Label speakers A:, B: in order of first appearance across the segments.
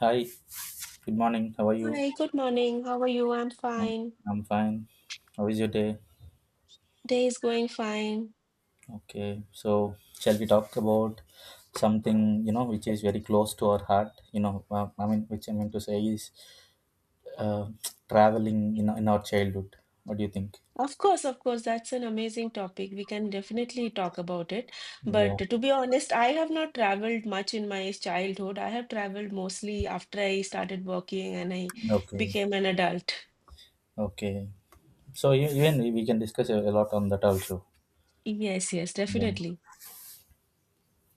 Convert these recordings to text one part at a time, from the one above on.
A: Hi, good morning. How are you?
B: Hi, good morning. How are you? I'm
A: Morning.
B: fine.
A: I'm fine. How is your day?
B: Day is going fine.
A: Okay, so shall we talk about something, which is very close to our heart? I mean, which I mean to say is, uh, traveling in our childhood. What do you think?
B: Of course, that's an amazing topic. We can definitely talk about it.
A: Yeah.
B: But to be honest, I have not traveled much in my childhood. I have traveled mostly after I started working and I
A: Okay.
B: became an adult.
A: Okay. So even we can discuss a lot on that also.
B: Yes, yes,
A: Yeah.
B: definitely.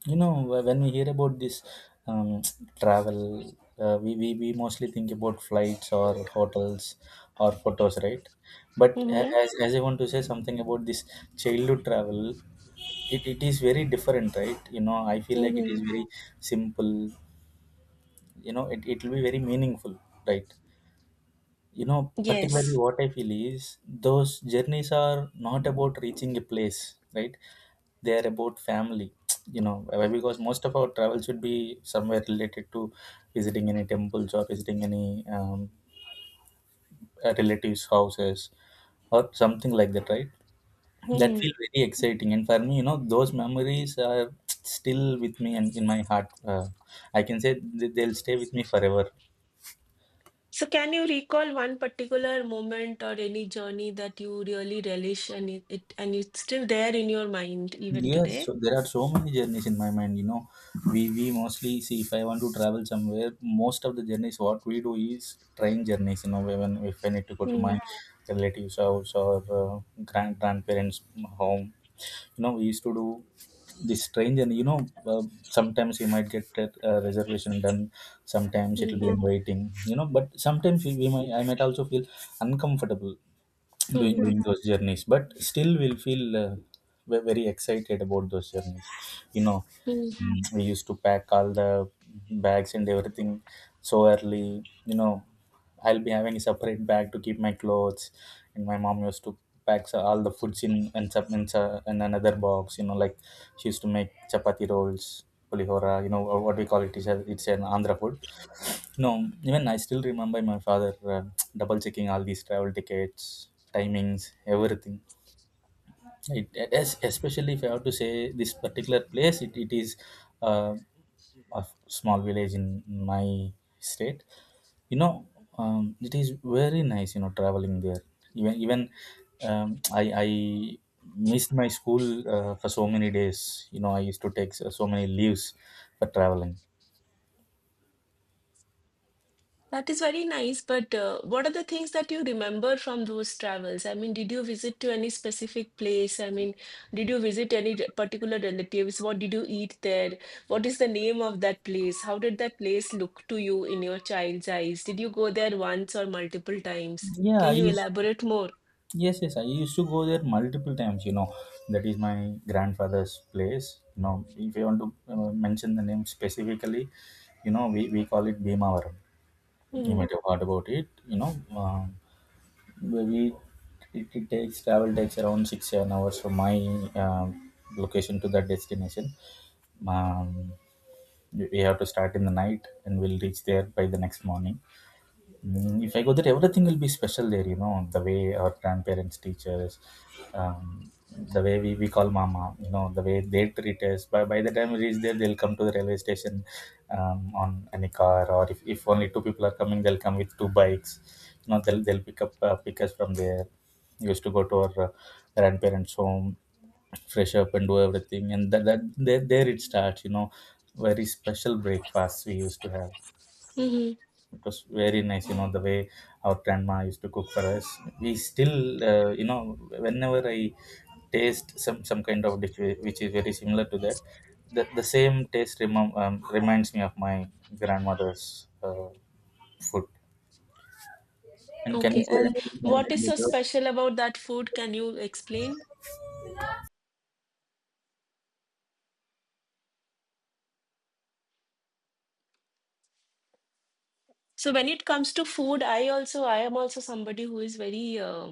A: When we hear about this, um, travel, we mostly think about flights or hotels or photos, right? But a-
B: Mm-hmm.
A: as, as I want to say something about this childhood travel, it is very different, right? I feel like it is
B: Mm-hmm.
A: very simple. It will be very meaningful, right? Particularly
B: Yes.
A: what I feel is those journeys are not about reaching a place, right? They are about family, because most of our travel should be somewhere related to visiting any temples or visiting any, relatives houses or something like that, right? That
B: Mm-hmm.
A: feel very exciting, and for me, those memories are still with me and in my heart. I can say they'll stay with me forever.
B: So can you recall one particular moment or any journey that you really relish and it's still there in your mind even
A: Yes, so
B: today?
A: there are so many journeys in my mind. We mostly see if I want to travel somewhere, most of the journeys what we do is train journeys. When if I need to go to my
B: Hmm.
A: relatives' house or, grandparents' home, we used to do this train journey. Sometimes you might get a reservation done, sometimes it'll
B: Mhm.
A: be in waiting. But sometimes we might I might also feel uncomfortable doing,
B: Mhm.
A: those journeys, but still we'll feel we very excited about those journeys, you know
B: Mm.
A: we used to pack all the bags and everything so early. I'll be having a separate bag to keep my clothes, and my mom used to pack all the foods in, and in another box, like, she used to make chapati rolls, pulihora, or what we call it is a, it's an andhra food. No, even I still remember my father, double checking all these travel tickets, timings, everything. It is, especially if I have to say this particular place, it is, uh, a small village in my state. You know, it is very nice, traveling there. Even I missed my school for so many days. I used to take so many leaves for traveling.
B: That is very nice, but what are the things that you remember from those travels? I mean, did you visit to any specific place? I mean, did you visit any particular relatives? What did you eat there? What is the name of that place? How did that place look to you in your child's eyes? Did you go there once or multiple times?
A: Yeah, I
B: Can you
A: used
B: elaborate more?
A: Yes, yes, I used to go there multiple times. That is my grandfather's place. If you want to mention the name specifically, we call it Bhimavaram. You
B: Mm-hmm.
A: might have heard about it. You know, where we it, it takes travel takes around 6-7 hours from my location to that destination. Um, we have to start in the night, and we'll reach there by the next morning. If I go there, everything will be special there, the way our grandparents teach us, the way we call mama, the way they treat us. By the time we reach there, they'll come to the railway station, on any car, or if only two people are coming, they'll come with two bikes. They'll pick us from there. We used to go to our, grandparents' home, fresh up and do everything, and that, that there it starts, very special breakfast we used to have.
B: Mm-hmm.
A: It was very nice, the way our grandma used to cook for us. We still, whenever I taste some kind of dish, which is very similar to that, the same taste reminds me of my grandmother's, food. And can you
B: Okay,
A: share
B: and
A: anything
B: what
A: anything
B: is
A: with
B: so
A: that?
B: special about that food? Can you explain? So when it comes to food, I am also somebody who is very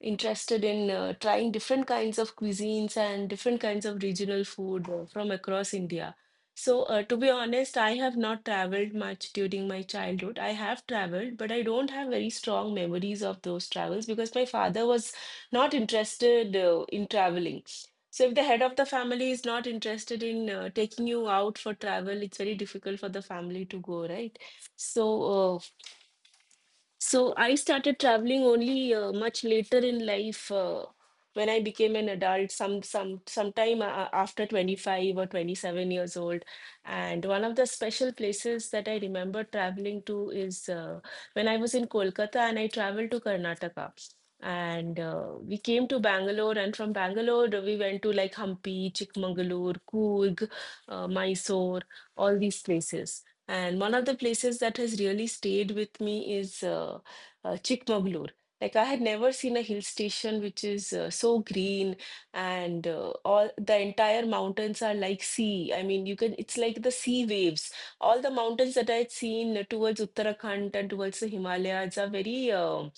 B: interested in trying different kinds of cuisines and different kinds of regional food from across India. So to be honest, I have not traveled much during my childhood. I have traveled, but I don't have very strong memories of those travels because my father was not interested in traveling. So if the head of the family is not interested in taking you out for travel, it's very difficult for the family to go, right? So, uh, so I started traveling only much later in life when I became an adult, sometime after 25 or 27 years old. And one of the special places that I remember traveling to is when I was in Kolkata and I traveled to Karnataka. And we came to Bangalore, and from Bangalore we went to like Hampi, Chikmagalur, Coorg, Mysore, all these places. And one of the places that has really stayed with me is Chikmagalur. Like I had never seen a hill station which is so green and all the entire mountains are like sea. I mean, you can it's like the sea waves. All the mountains that I had seen towards Uttarakhand and towards the Himalayas are very um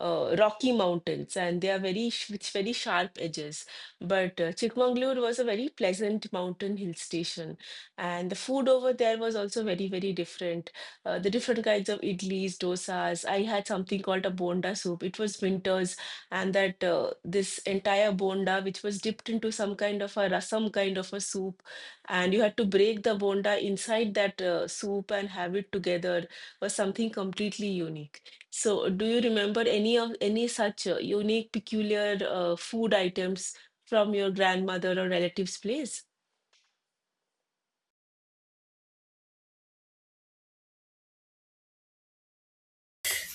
B: uh, rocky mountains and they are very with very sharp edges. But Chikmagalur was a very pleasant mountain hill station. And the food over there was also very, very different. The different kinds of idlis, dosas. I had something called a bonda soup. It was winters, and that this entire bonda, which was dipped into some kind of a rasam kind of a soup, and you had to break the bonda inside that soup and have it together, was something completely unique. So, do you remember any such unique, peculiar food items from your grandmother or relatives' place?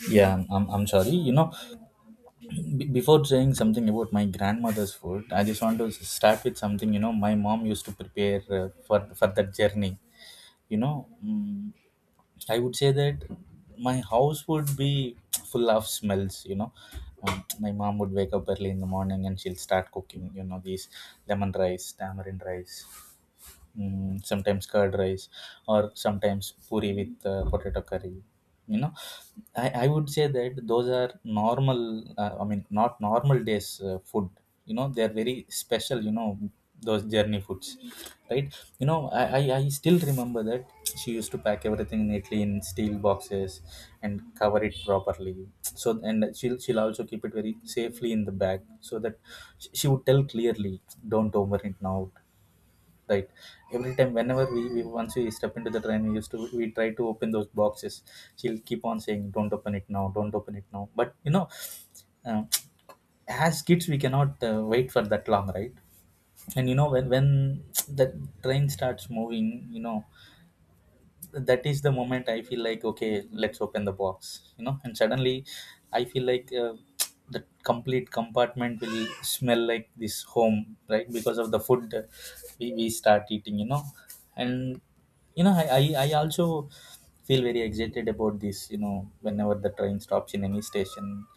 A: Yeah I'm sorry. Before saying something about my grandmother's food, I just want to start with something. My mom used to prepare, for that journey. you know I would say that my house would be full of smells. My mom would wake up early in the morning, and she'll start cooking, these lemon rice, tamarind rice, sometimes curd rice, or sometimes puri with, potato curry. you know I would say that those are normal, I mean, not normal days, food. They are very special, those journey foods, right? I still remember that she used to pack everything neatly in steel boxes and cover it properly. So, and she'll also keep it very safely in the bag, so that she would tell clearly, don't open it now, right? Every time, whenever we once we step into the train, we try to open those boxes. She'll keep on saying, don't open it now, don't open it now. But um as kids, we cannot wait for that long, right? And when the train starts moving, that is the moment I feel like, okay, let's open the box. And suddenly I feel like, the complete compartment will smell like this home, right? Because of the food that we start eating, and I also feel very excited about this, whenever the train stops in any station,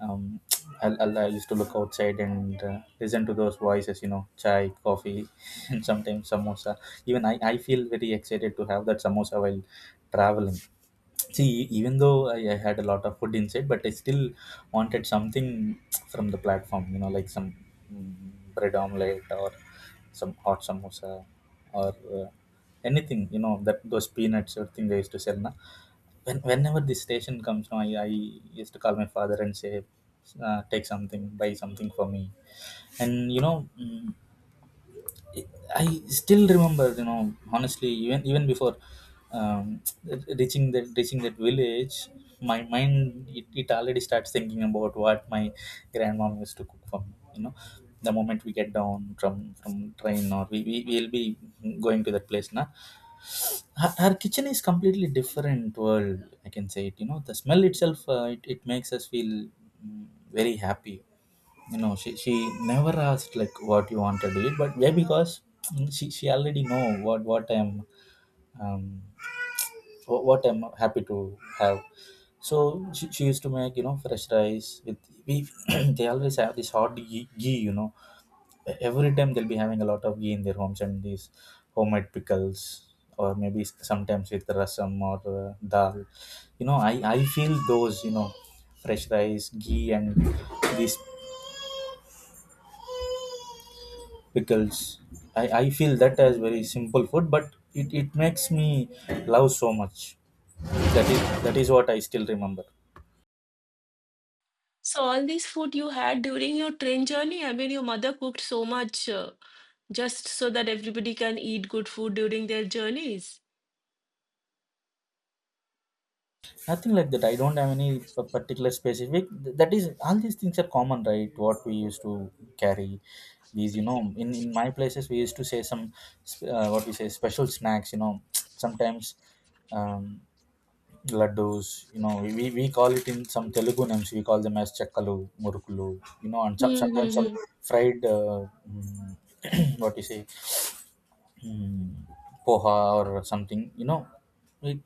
A: um, I used to look outside and, listen to those voices, you know, chai, coffee, and sometimes samosa. Even I feel very excited to have that samosa while traveling. See, even though I had a lot of food inside, but I still wanted something from the platform, like some, bread omelette, or some hot samosa, or, anything, that those peanuts or thing they used to sell. Na? Whenever this station comes now, I used to call my father and say, take something, buy something for me. And I still remember, honestly, even before, um, reaching that village, my mind, it already starts thinking about what my grandmom used to cook for me. The moment we get down from train, or we will be going to that place, na. Her kitchen is completely different world, I can say it. The smell itself, it makes us feel, mm, very happy. She never asked like what you want to do it. But yeah, because, she already know what I'm, um, what I'm happy to have. So she used to make, fresh rice with. We They always have this hot ghee, every time they'll be having a lot of ghee in their homes, and these homemade pickles, or maybe sometimes with rasam or, dal. I feel those, fresh rice, ghee, and these pickles. I feel that as very simple food, but it makes me love so much. that is that is what I still remember.
B: So all this food you had during your train journey, I mean, your mother cooked so much just so that everybody can eat good food during their journeys.
A: Nothing like that, I don't have any particular specific. That is, all these things are common, right, what we used to carry. These, in my places we used to say some, what we say, special snacks. Sometimes, um laddus, we call it in some telugu names, we call them as chakkalu, murukulu, and
B: Hmm. Hmm,
A: sometimes some
B: hmm.
A: fried, mm, what you say, mm, poha or something. It,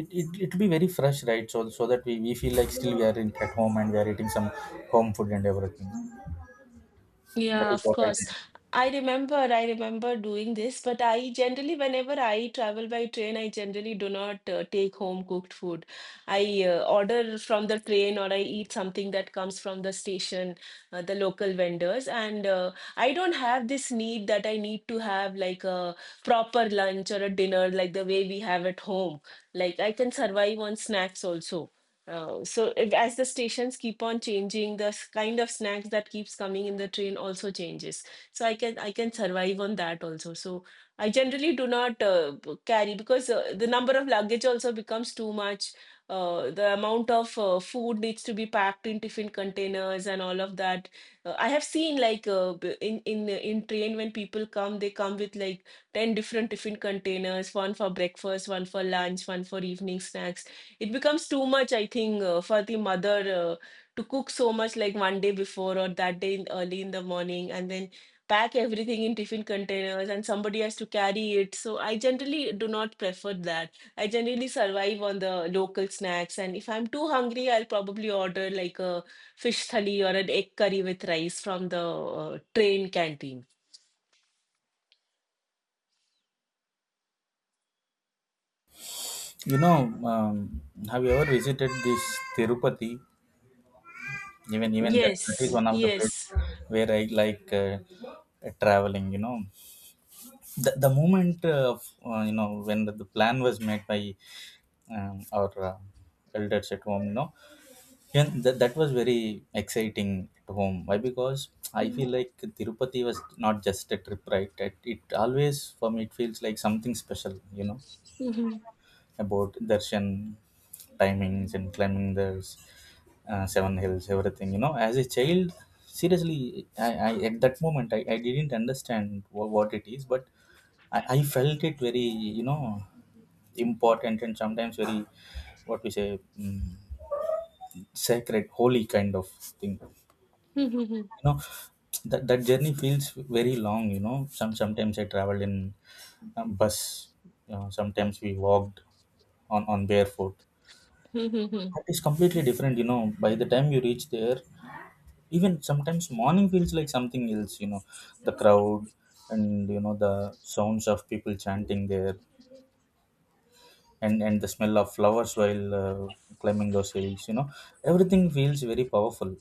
A: it it'll be very fresh, right? So, so that we feel like still we are at home, and we are eating some home food and everything. That
B: Yeah,
A: is
B: of
A: what I
B: course.
A: think.
B: I remember doing this, but I generally, whenever I travel by train, I generally do not take home cooked food. I order from the train or I eat something that comes from the station, the local vendors. And I don't have this need that I need to have like a proper lunch or a dinner like the way we have at home. Like I can survive on snacks also. So if, as the stations keep on changing, the kind of snacks that keeps coming in the train also changes. So I can survive on that also. So I generally do not carry because the number of luggage also becomes too much. The amount of food needs to be packed in different containers and all of that. I have seen like in train when people come, they come with like 10 different different containers, one for breakfast, one for lunch, one for evening snacks. It becomes too much, I think, for the mother to cook so much like one day before or that day, early in the morning and then pack everything in tiffin containers and somebody has to carry it. So I generally do not prefer that. I generally survive on the local snacks and if I'm too hungry, I'll probably order like a fish thali or an egg curry with rice from the train canteen.
A: you know um, have you ever visited this Tirupati? Even that is
B: Yes,
A: one of the places
B: yes.
A: where I like, traveling. The moment, of you know when the plan was made by, our elders at home, Yeah, that was very exciting at home. Why? Because I feel like Tirupati was not just a trip, right? It always, for me, it feels like something special,
B: Mhm.
A: about darshan, timings, and climbing the, seven hills, everything. You know, as a child, seriously, I at that moment, I didn't understand what it is, but I felt it very, you know, important and sometimes very, what we say, sacred, holy kind of thing.
B: Mhm.
A: You know, that journey feels very long. You know, sometimes I traveled in bus. You know, sometimes we walked on barefoot. That is completely different. You know, by the time you reach there, even sometimes morning feels like something else. You know, the crowd, and you know, the sounds of people chanting there, and the smell of flowers while climbing those hills, you know, everything feels very powerful.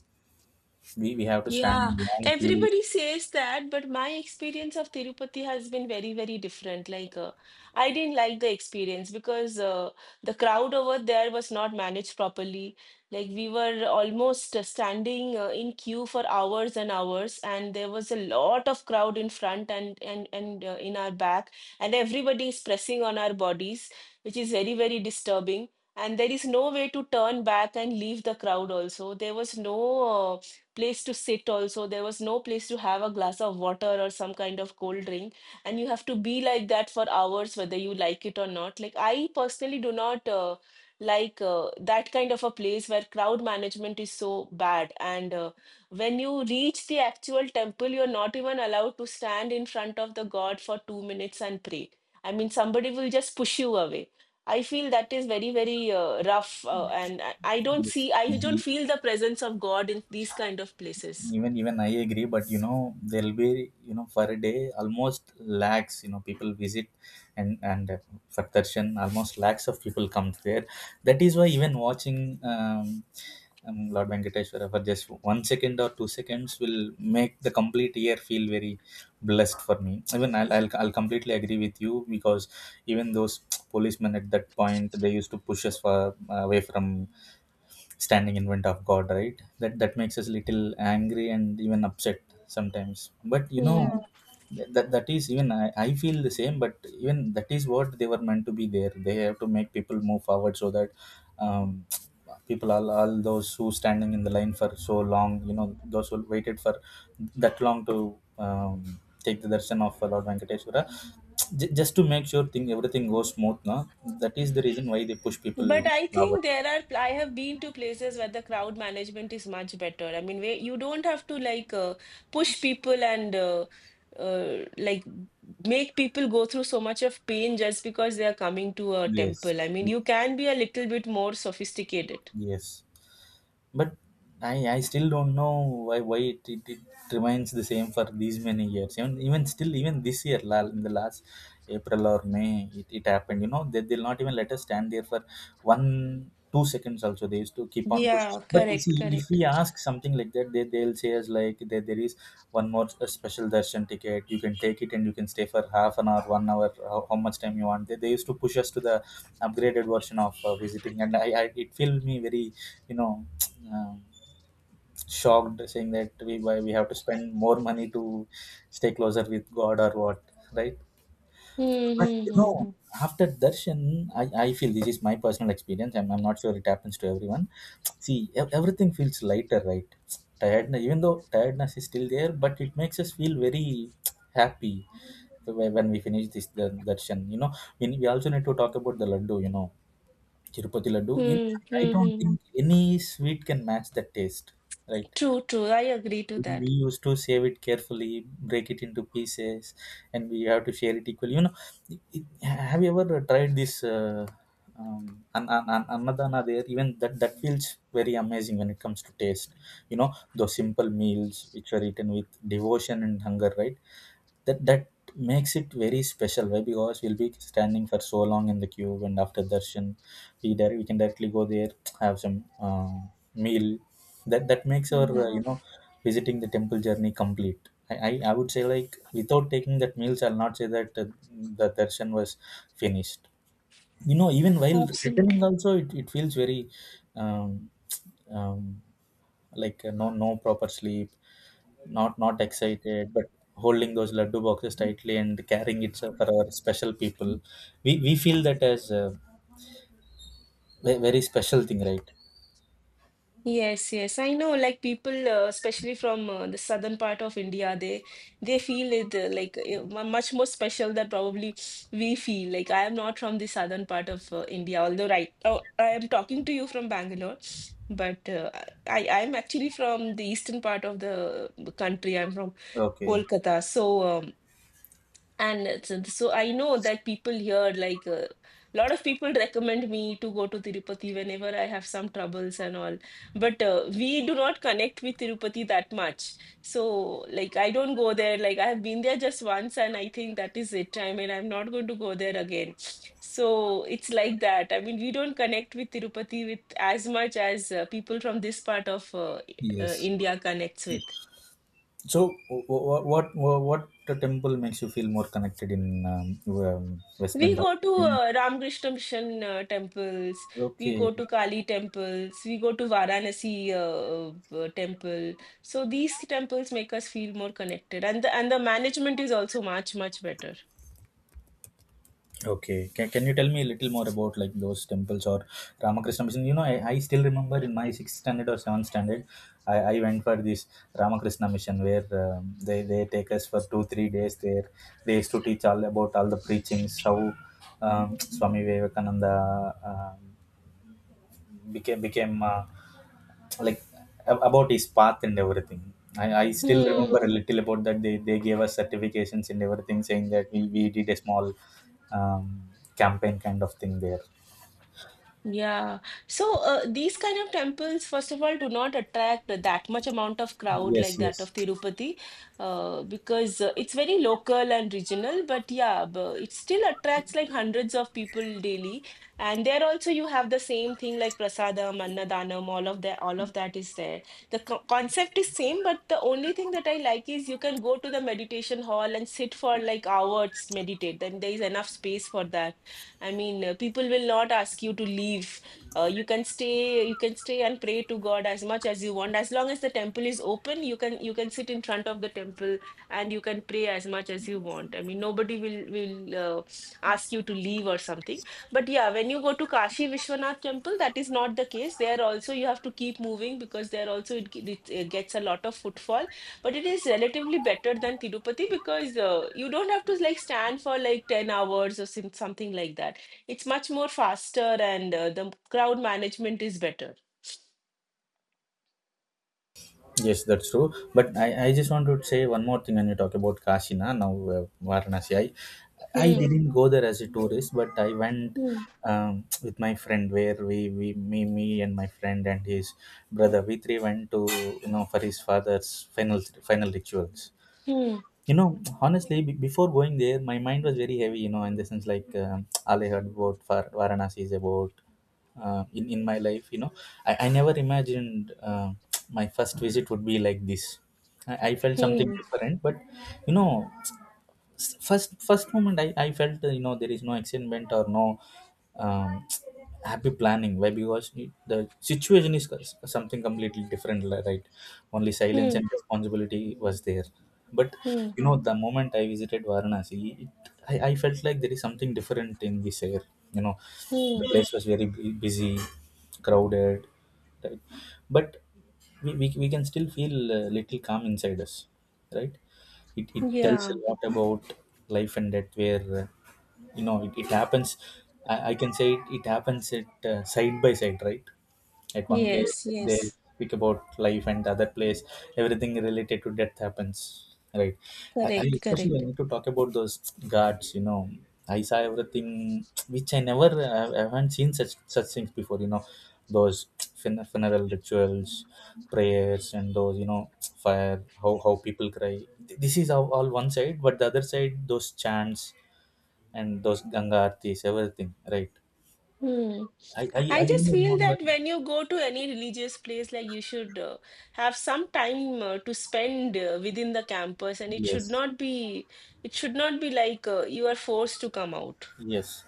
A: We have to stand
B: Yeah,
A: in long queues
B: everybody says that, but my experience of Tirupati has been very, very different. Like, I didn't like the experience because the crowd over there was not managed properly. Like, we were almost standing in queue for hours and hours, and there was a lot of crowd in front and in our back, and everybody is pressing on our bodies, which is very, very disturbing. And there is no way to turn back and leave the crowd also. There was no uh, place to sit. Also, there was no place to have a glass of water or some kind of cold drink, and you have to be like that for hours whether you like it or not. Like, I personally do not like that kind of a place where crowd management is so bad. And when you reach the actual temple, you're not even allowed to stand in front of the god for 2 minutes and pray. I mean, somebody will just push you away. I feel that is very, very rough, and I
A: in
B: don't
A: the
B: see, I don't
A: city.
B: feel the presence of God in these kind of places.
A: Even I agree, but you know, there'll be, you know, for a day, almost lakhs, you know, people visit, and for darshan almost lakhs of people come there. That is why even watching um, lord venkateshwara for just 1 second or 2 seconds will make the complete year feel very blessed for me. Even I'll completely agree with you, because even those policemen at that point, they used to push us for away from standing in front of god, right? That makes us little angry and even upset sometimes. But you know.
B: Hmm.
A: Yeah. That is, even I feel the same, but even that is what they were meant to be there. They have to make people move forward so that um, people, all those who standing in the line for so long, you know, those who waited for that long to um, take the darshan of lord venkateshwara, just to make sure thing everything goes smooth, no? That is the reason why they push people
B: But I
A: forward.
B: think I have been to places where the crowd management is much better. I mean, where you don't have to like push people and like make people go through so much of pain just because they are coming to a
A: Yes.
B: temple. I mean, you can be a little bit more sophisticated.
A: Yes, but I still don't know why it remains the same for these many years. Even still even this year, in the last April or May, it happened. You know, they'll not even let us stand there for 1 2 seconds. Also they used to keep on pushing.
B: Yeah,
A: But you
B: correct,
A: see, if
B: correct.
A: we ask something like that, they'll say us like there is one more special darshan ticket. You can take it and you can stay for half an hour, 1 hour, how much time you want. They used to push us to the upgraded version of visiting, and I it filled me very you know, um, shocked, saying that we why we have to spend more money to stay closer with God or what, right?
B: Hmm.
A: But
B: Hmm.
A: you
B: Hmm.
A: know,
B: Hmm.
A: after darshan, I feel this is my personal experience. I'm not sure it happens to everyone. See, everything feels lighter, right? Tiredness, even though tiredness is still there, but it makes us feel very happy when we finish this the darshan. You know, we also need to talk about the laddu. You know, Tirupati laddu. In
B: Hmm.
A: fact, I
B: Hmm.
A: don't
B: Hmm,
A: think any sweet can match that taste. Right?
B: true, true. I agree to
A: We
B: that.
A: used to save it carefully, break it into pieces, and we have to share it equally. You know, it- it- have you ever tried this um, annadana there? Even that feels very amazing when it comes to taste. You know, those simple meals which are eaten with devotion and hunger, right? That makes it very special. Why? Because we'll be standing for so long in the queue, and after darshan, we there we can directly go there, have some meal. That makes our
B: Mhm.
A: visiting the temple journey complete. I would say, like, without taking that meals, I'll not say that the darshan was finished. You know, even while
B: Absolutely.
A: returning also, it feels very um, um, like, no proper sleep, not excited, but holding those laddu boxes tightly and carrying it for our special people, we feel that as a very special thing, right?
B: Yes, yes. I know, like people, especially from the southern part of India, they feel it like much more special than probably we feel. Like I am not from the southern part of India, although right, oh, I am talking to you from Bangalore, but I am actually from the eastern part of the country. I'm from
A: Okay.
B: Kolkata, so. So I know that people here, like a lot of people recommend me to go to Tirupati whenever I have some troubles and all. But we do not connect with Tirupati that much. So, like, I don't go there. Like, I have been there just once, and I think that is it. I mean, I'm not going to go there again. So it's like that. I mean, we don't connect with Tirupati with as much as people from this part of
A: Yes.
B: India connects
A: Yes.
B: with.
A: So, what what the temple makes you feel more connected in um, West
B: We
A: Bengal?
B: go to
A: In-
B: Ramakrishna Mission temples, we
A: Okay.
B: go to Kali temples, we go to Varanasi temple. So these temples make us feel more connected, and the management is also much much better.
A: Okay. Can you tell me a little more about, like, those temples or Ramakrishna Mission? You know, I still remember in my sixth standard or seventh standard, I went for this Ramakrishna Mission, where they take us for two, 3 days there. They used to teach all about all the preachings, how Swami Vivekananda um, became like about his path and everything. I still remember
B: Hmm.
A: a little about that. They gave us certifications and everything, saying that we did a small um, campaign kind of thing there.
B: Yeah. So these kind of temples, first of all, do not attract that much amount of crowd
A: Yes,
B: like that
A: yes.
B: of Tirupati, because it's very local and regional. But yeah, but it still attracts like hundreds of people daily. And there also you have the same thing like prasadam, annadanam, all of that. All of that is there. The co concept is same, but the only thing that I like is you can go to the meditation hall and sit for like hours, meditate. Then there is enough space for that. I mean, people will not ask you to leave. You can stay, and pray to God as much as you want. As long as the temple is open, you can sit in front of the temple and you can pray as much as you want. I mean, nobody will ask you to leave or something. But yeah, when you go to Kashi Vishwanath temple, that is not the case. There also you have to keep moving because there also it gets a lot of footfall. But it is relatively better than Tirupati because you don't have to like stand for like 10 hours or something like that. It's much more faster and the crowd management is better.
A: Yes, that's true. But I just want to say one more thing when you talk about Kashina, now Varanasi. I
B: Hmm.
A: didn't go there as a tourist, but I went
B: Hmm.
A: with my friend, where me and my friend and his brother, we three went to, you know, for his father's final rituals.
B: Hmm.
A: You know, honestly, before going there, my mind was very heavy. You know, in the sense, like, all I heard about Varanasi is about, in my life, you know. I never imagined my first visit would be like this. I felt something
B: Hmm.
A: different, but you know, first moment, I felt, there is no excitement or no um, happy planning. Why? Because the situation is something completely different, right? Only silence and
B: Hmm.
A: responsibility was there. But
B: Hmm.
A: you know, the moment I visited Varanasi, it, I felt like there is something different in this air, you know.
B: Hmm.
A: The place was very busy, crowded, right? But we can still feel a little calm inside us, right? It tells
B: Yeah.
A: a lot about life and death, where you know, it happens. I can say it happens at, side by side, right? At one place
B: Yes.
A: they
B: Yes.
A: speak about life, and the other place everything related to death happens. Right. I
B: Correct.
A: especially
B: Correct.
A: need to talk about those guards. You know, I saw everything which I never I, I haven't seen such things before. You know, those funeral rituals, prayers, and those, you know, fire. How people cry. This is all one side, but the other side those chants and those Ganga artis, everything. Right.
B: Hmm.
A: I
B: I just
A: only
B: feel
A: remember.
B: that when you go to any religious place, like you should have some time to spend within the campus, and
A: Yes.
B: it should not be like you are forced to come out.
A: Yes.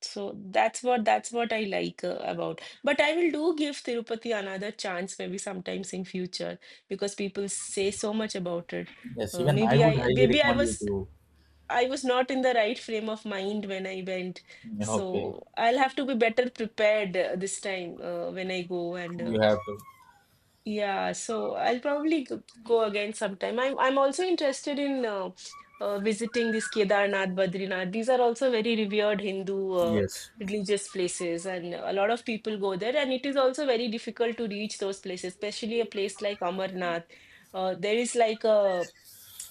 B: So that's what I like about. But I will do give Tirupati another chance maybe sometimes in future because people say so much about it.
A: Yes,
B: Uh,
A: even I
B: maybe
A: would
B: I
A: highly
B: maybe I
A: recommend you
B: was
A: to.
B: I was not in the right frame of mind when I went.
A: Okay,
B: So I'll have to be better prepared this time when I go and
A: you have to.
B: yeah, so I'll probably go again sometime. I'm also interested in visiting this Kedarnath, Badrinath. These are also very revered Hindu
A: Yes,
B: religious places, and a lot of people go there. And it is also very difficult to reach those places, especially a place like Amarnath. There is like a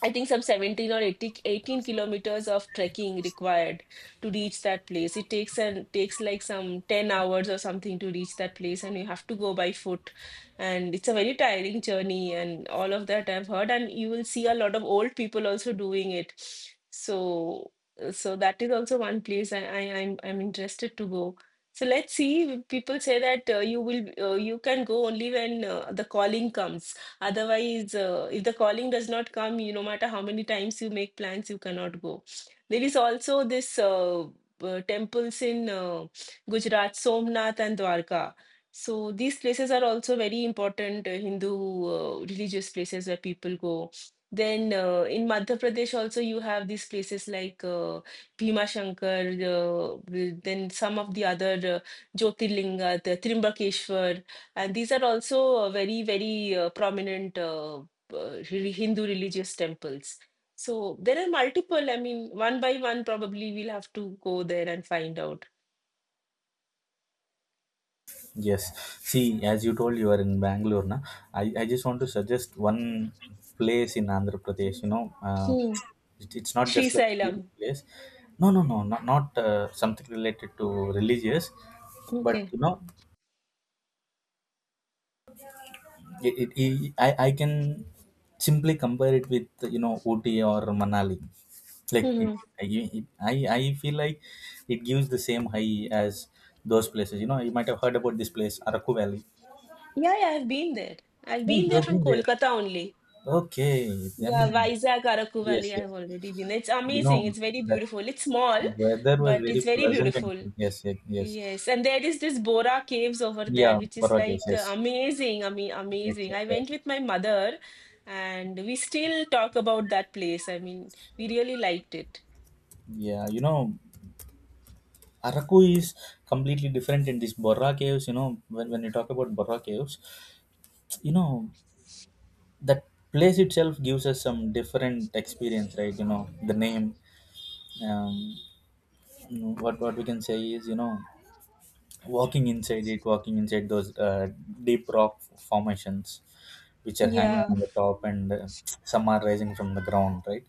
B: I think some 17 or 80, 18 kilometers of trekking required to reach that place. It takes like some 10 hours or something to reach that place, and you have to go by foot. And it's a very tiring journey, and all of that I've heard. And you will see a lot of old people also doing it. So, so that is also one place I'm interested to go. So let's see. People say that you will you can go only when the calling comes. Otherwise, if the calling does not come, you no matter how many times you make plans, you cannot go. There is also this temples in Gujarat, Somnath and Dwarka. So these places are also very important Hindu religious places where people go. Then in Madhya Pradesh also you have these places like Bhima Shankar, then some of the other Jyotirlinga, the Trimbakeshwar. And these are also very, very prominent Hindu religious temples. So there are multiple. I mean, one by one, probably we'll have to go there and find out.
A: yes. See, as you told, you are in Bangalore, na. I just want to suggest one place in Andhra Pradesh. You know,
B: Hmm.
A: it's not
B: Sri
A: just like a tourist
B: Sailam.
A: place. No, no, no, not something related to religious, but
B: Okay.
A: you know, I can simply compare it with, you know, Ooty or Manali. Like,
B: Hmm.
A: it, I feel like it gives the same high as those places. You know, you might have heard about this place, Araku Valley.
B: Yeah, yeah, I've been there. I've
A: Oh,
B: been
A: you
B: there
A: have
B: from
A: been there.
B: Kolkata only.
A: Okay,
B: Yeah,
A: then
B: Vizag, Araku
A: yes,
B: Valley,
A: yes.
B: I've already been. It's
A: You
B: amazing.
A: know
B: It's very
A: that
B: beautiful. It's small,
A: weather was
B: but it's
A: very
B: very
A: pleasant and
B: beautiful.
A: yes, yes, yes.
B: Yes, and there is this Bora Caves over there,
A: Yeah,
B: which is
A: Barat, yes,
B: like
A: yes,
B: amazing. I mean, amazing. I went
A: exactly.
B: with my mother, and we still talk about that place. I mean, we really liked it.
A: Yeah, you know. Araku is completely different in these Borra Caves. You know, when you talk about Borra Caves, you know, that place itself gives us some different experience, right? You know, the name, um, what we can say is, you know, walking inside it, walking inside those deep rock formations which are hanging
B: Yeah,
A: on the top, and some are rising from the ground, right?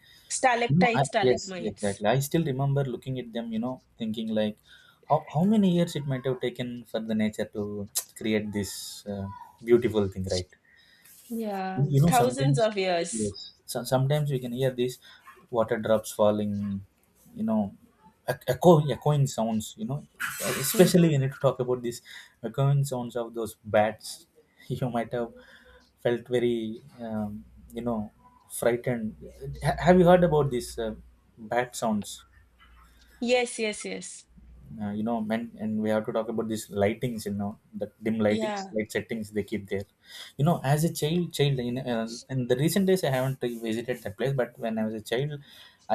A: You know,
B: stalactites,
A: yes,
B: stalagmites,
A: exactly. I still remember looking at them, you know, thinking like, how many years it might have taken for the nature to create this beautiful thing, right?
B: yeah,
A: You know,
B: thousands of years.
A: yes, so, sometimes we can hear these water drops falling, you know, echoing sounds, you know,
B: Mm.
A: especially we need to talk about these echoing sounds of those bats. You might have felt very, you know, frightened. Have you heard about these bat sounds?
B: Yes, yes, yes.
A: You know, men, and we have to talk about these lightings, you know, the dim lightings
B: Yeah.
A: light settings they keep there. You know, as a child in the recent days I haven't visited that place, but when I was a child,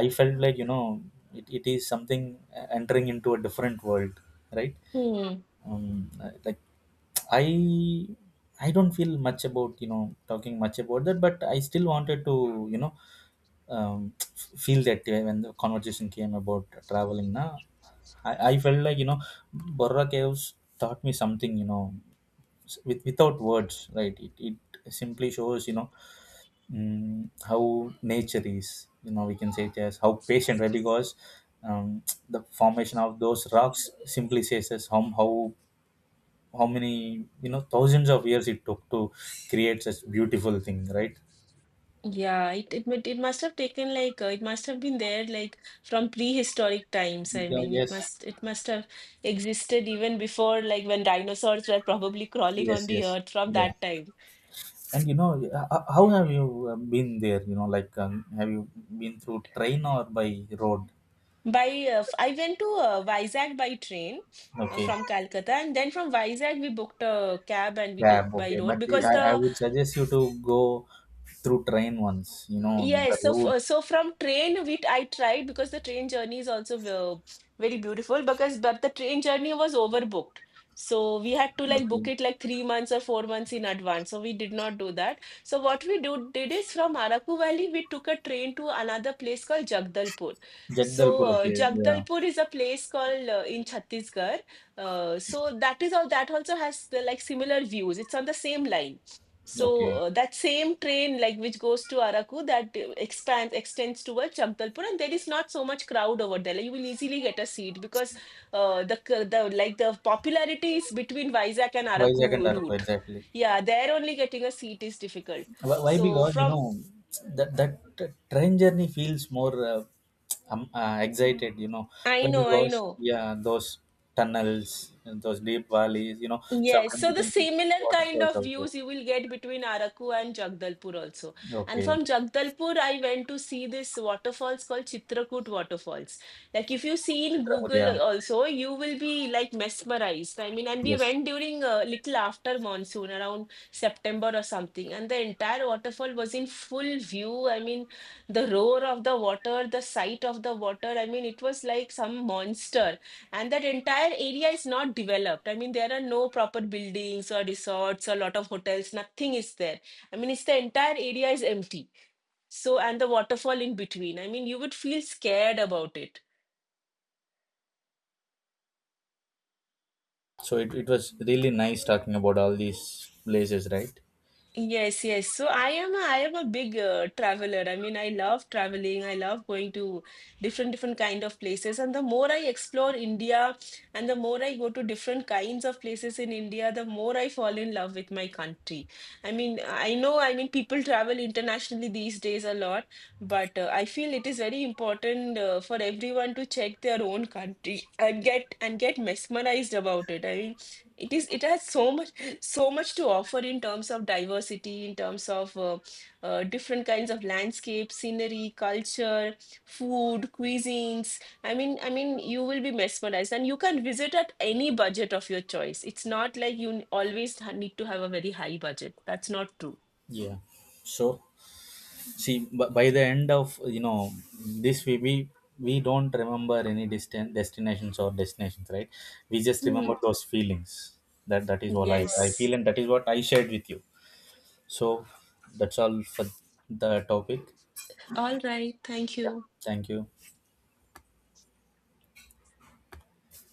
A: I felt like, you know, it is something, entering into a different world, right?
B: Hmm.
A: um like, i I don't feel much about, you know, talking much about that, but I still wanted to, you know, um, feel that way. When the conversation came about traveling now, I felt like, you know, Borra Caves taught me something, you know, without words, right? It simply shows, you know, how nature is, you know, we can say it as how patient, right? Because um, the formation of those rocks simply says us how many, you know, thousands of years it took to create such beautiful thing, right?
B: Yeah, it must have taken like it must have been there like from prehistoric times. I
A: Yeah,
B: mean, it
A: yes,
B: must it must have existed even before like when dinosaurs were probably crawling
A: yes,
B: on the
A: yes.
B: earth from
A: Yeah.
B: that time.
A: And you know, how have you been there, you know, like, have you been through train or by road?
B: I went to Vizag by train
A: Okay.
B: from Calcutta, and then from Vizag we booked a cab and we
A: Cab,
B: took by
A: okay.
B: road
A: But
B: because
A: I
B: the
A: would suggest you to go through train once, you know, the
B: yes,
A: route.
B: so from train we I tried because the train journey is also very beautiful because but the train journey was overbooked. So we had to like book
A: Okay.
B: it like 3 months or 4 months in advance. So we did not do that. So what we do did is from Araku Valley we took a train to another place called Jagdalpur. So
A: Jagdalpur, okay. Yeah.
B: Jagdalpur is a place called in Chhattisgarh. So that is all that also has the like similar views. It's on the same line.
A: Okay.
B: So that same train, like which goes to Araku, that expands extends towards Jagdalpur, and there is not so much crowd over there. Like, you will easily get a seat because the like the popularity is between Vizag and
A: Vizag and
B: Araku
A: Arko,
B: route.
A: exactly.
B: Yeah, there only getting a seat is difficult.
A: Why?
B: So
A: Because you
B: from
A: know, that train journey feels more excited, you know.
B: I
A: Why?
B: know, I
A: Because,
B: know.
A: yeah, those tunnels and those deep valleys, you know,
B: Yes,
A: sometimes
B: so
A: you
B: the
A: can see
B: similar kind
A: waterfalls
B: of
A: also.
B: views you will get between Araku and Jagdalpur also. And
A: Okay.
B: from Jagdalpur, I went to see this waterfalls called Chitrakoot waterfalls. Like if you see in
A: Chitrapur, yeah.
B: Google also, you will be like mesmerized. I mean, and we
A: Yes,
B: went during a little after monsoon, around September or something, and the entire waterfall was in full view. I mean, the roar of the water, the sight of the water. I mean, it was like some monster. And that entire area is not developed. I mean, there are no proper buildings or resorts or a lot of hotels, nothing is there. I mean, it's the entire area is empty. So and the waterfall in between, I mean, you would feel scared about it.
A: so it was really nice talking about all these places, right?
B: Yes, yes. So I am a big traveler. I mean, I love traveling. I love going to different kind of places. And the more I explore India, and the more I go to different kinds of places in India, the more I fall in love with my country. I mean, I know. I mean, people travel internationally these days a lot, but I feel it is very important for everyone to check their own country and get mesmerized about it. I mean, it is. It has so much to offer in terms of diversity, in terms of different kinds of landscape, scenery, culture, food, cuisines. You will be mesmerized, and you can visit at any budget of your choice. It's not like need to have a very high budget. That's not true.
A: Yeah. So, see, by the end of, you know, this, we don't remember any distant destinations or destinations, right? We just
B: Hmm.
A: remember those feelings. That is all I feel,
B: Yes.
A: and that is what I shared with you. So that's all for the topic.
B: All right. Thank
A: Yeah,
B: you.
A: thank you.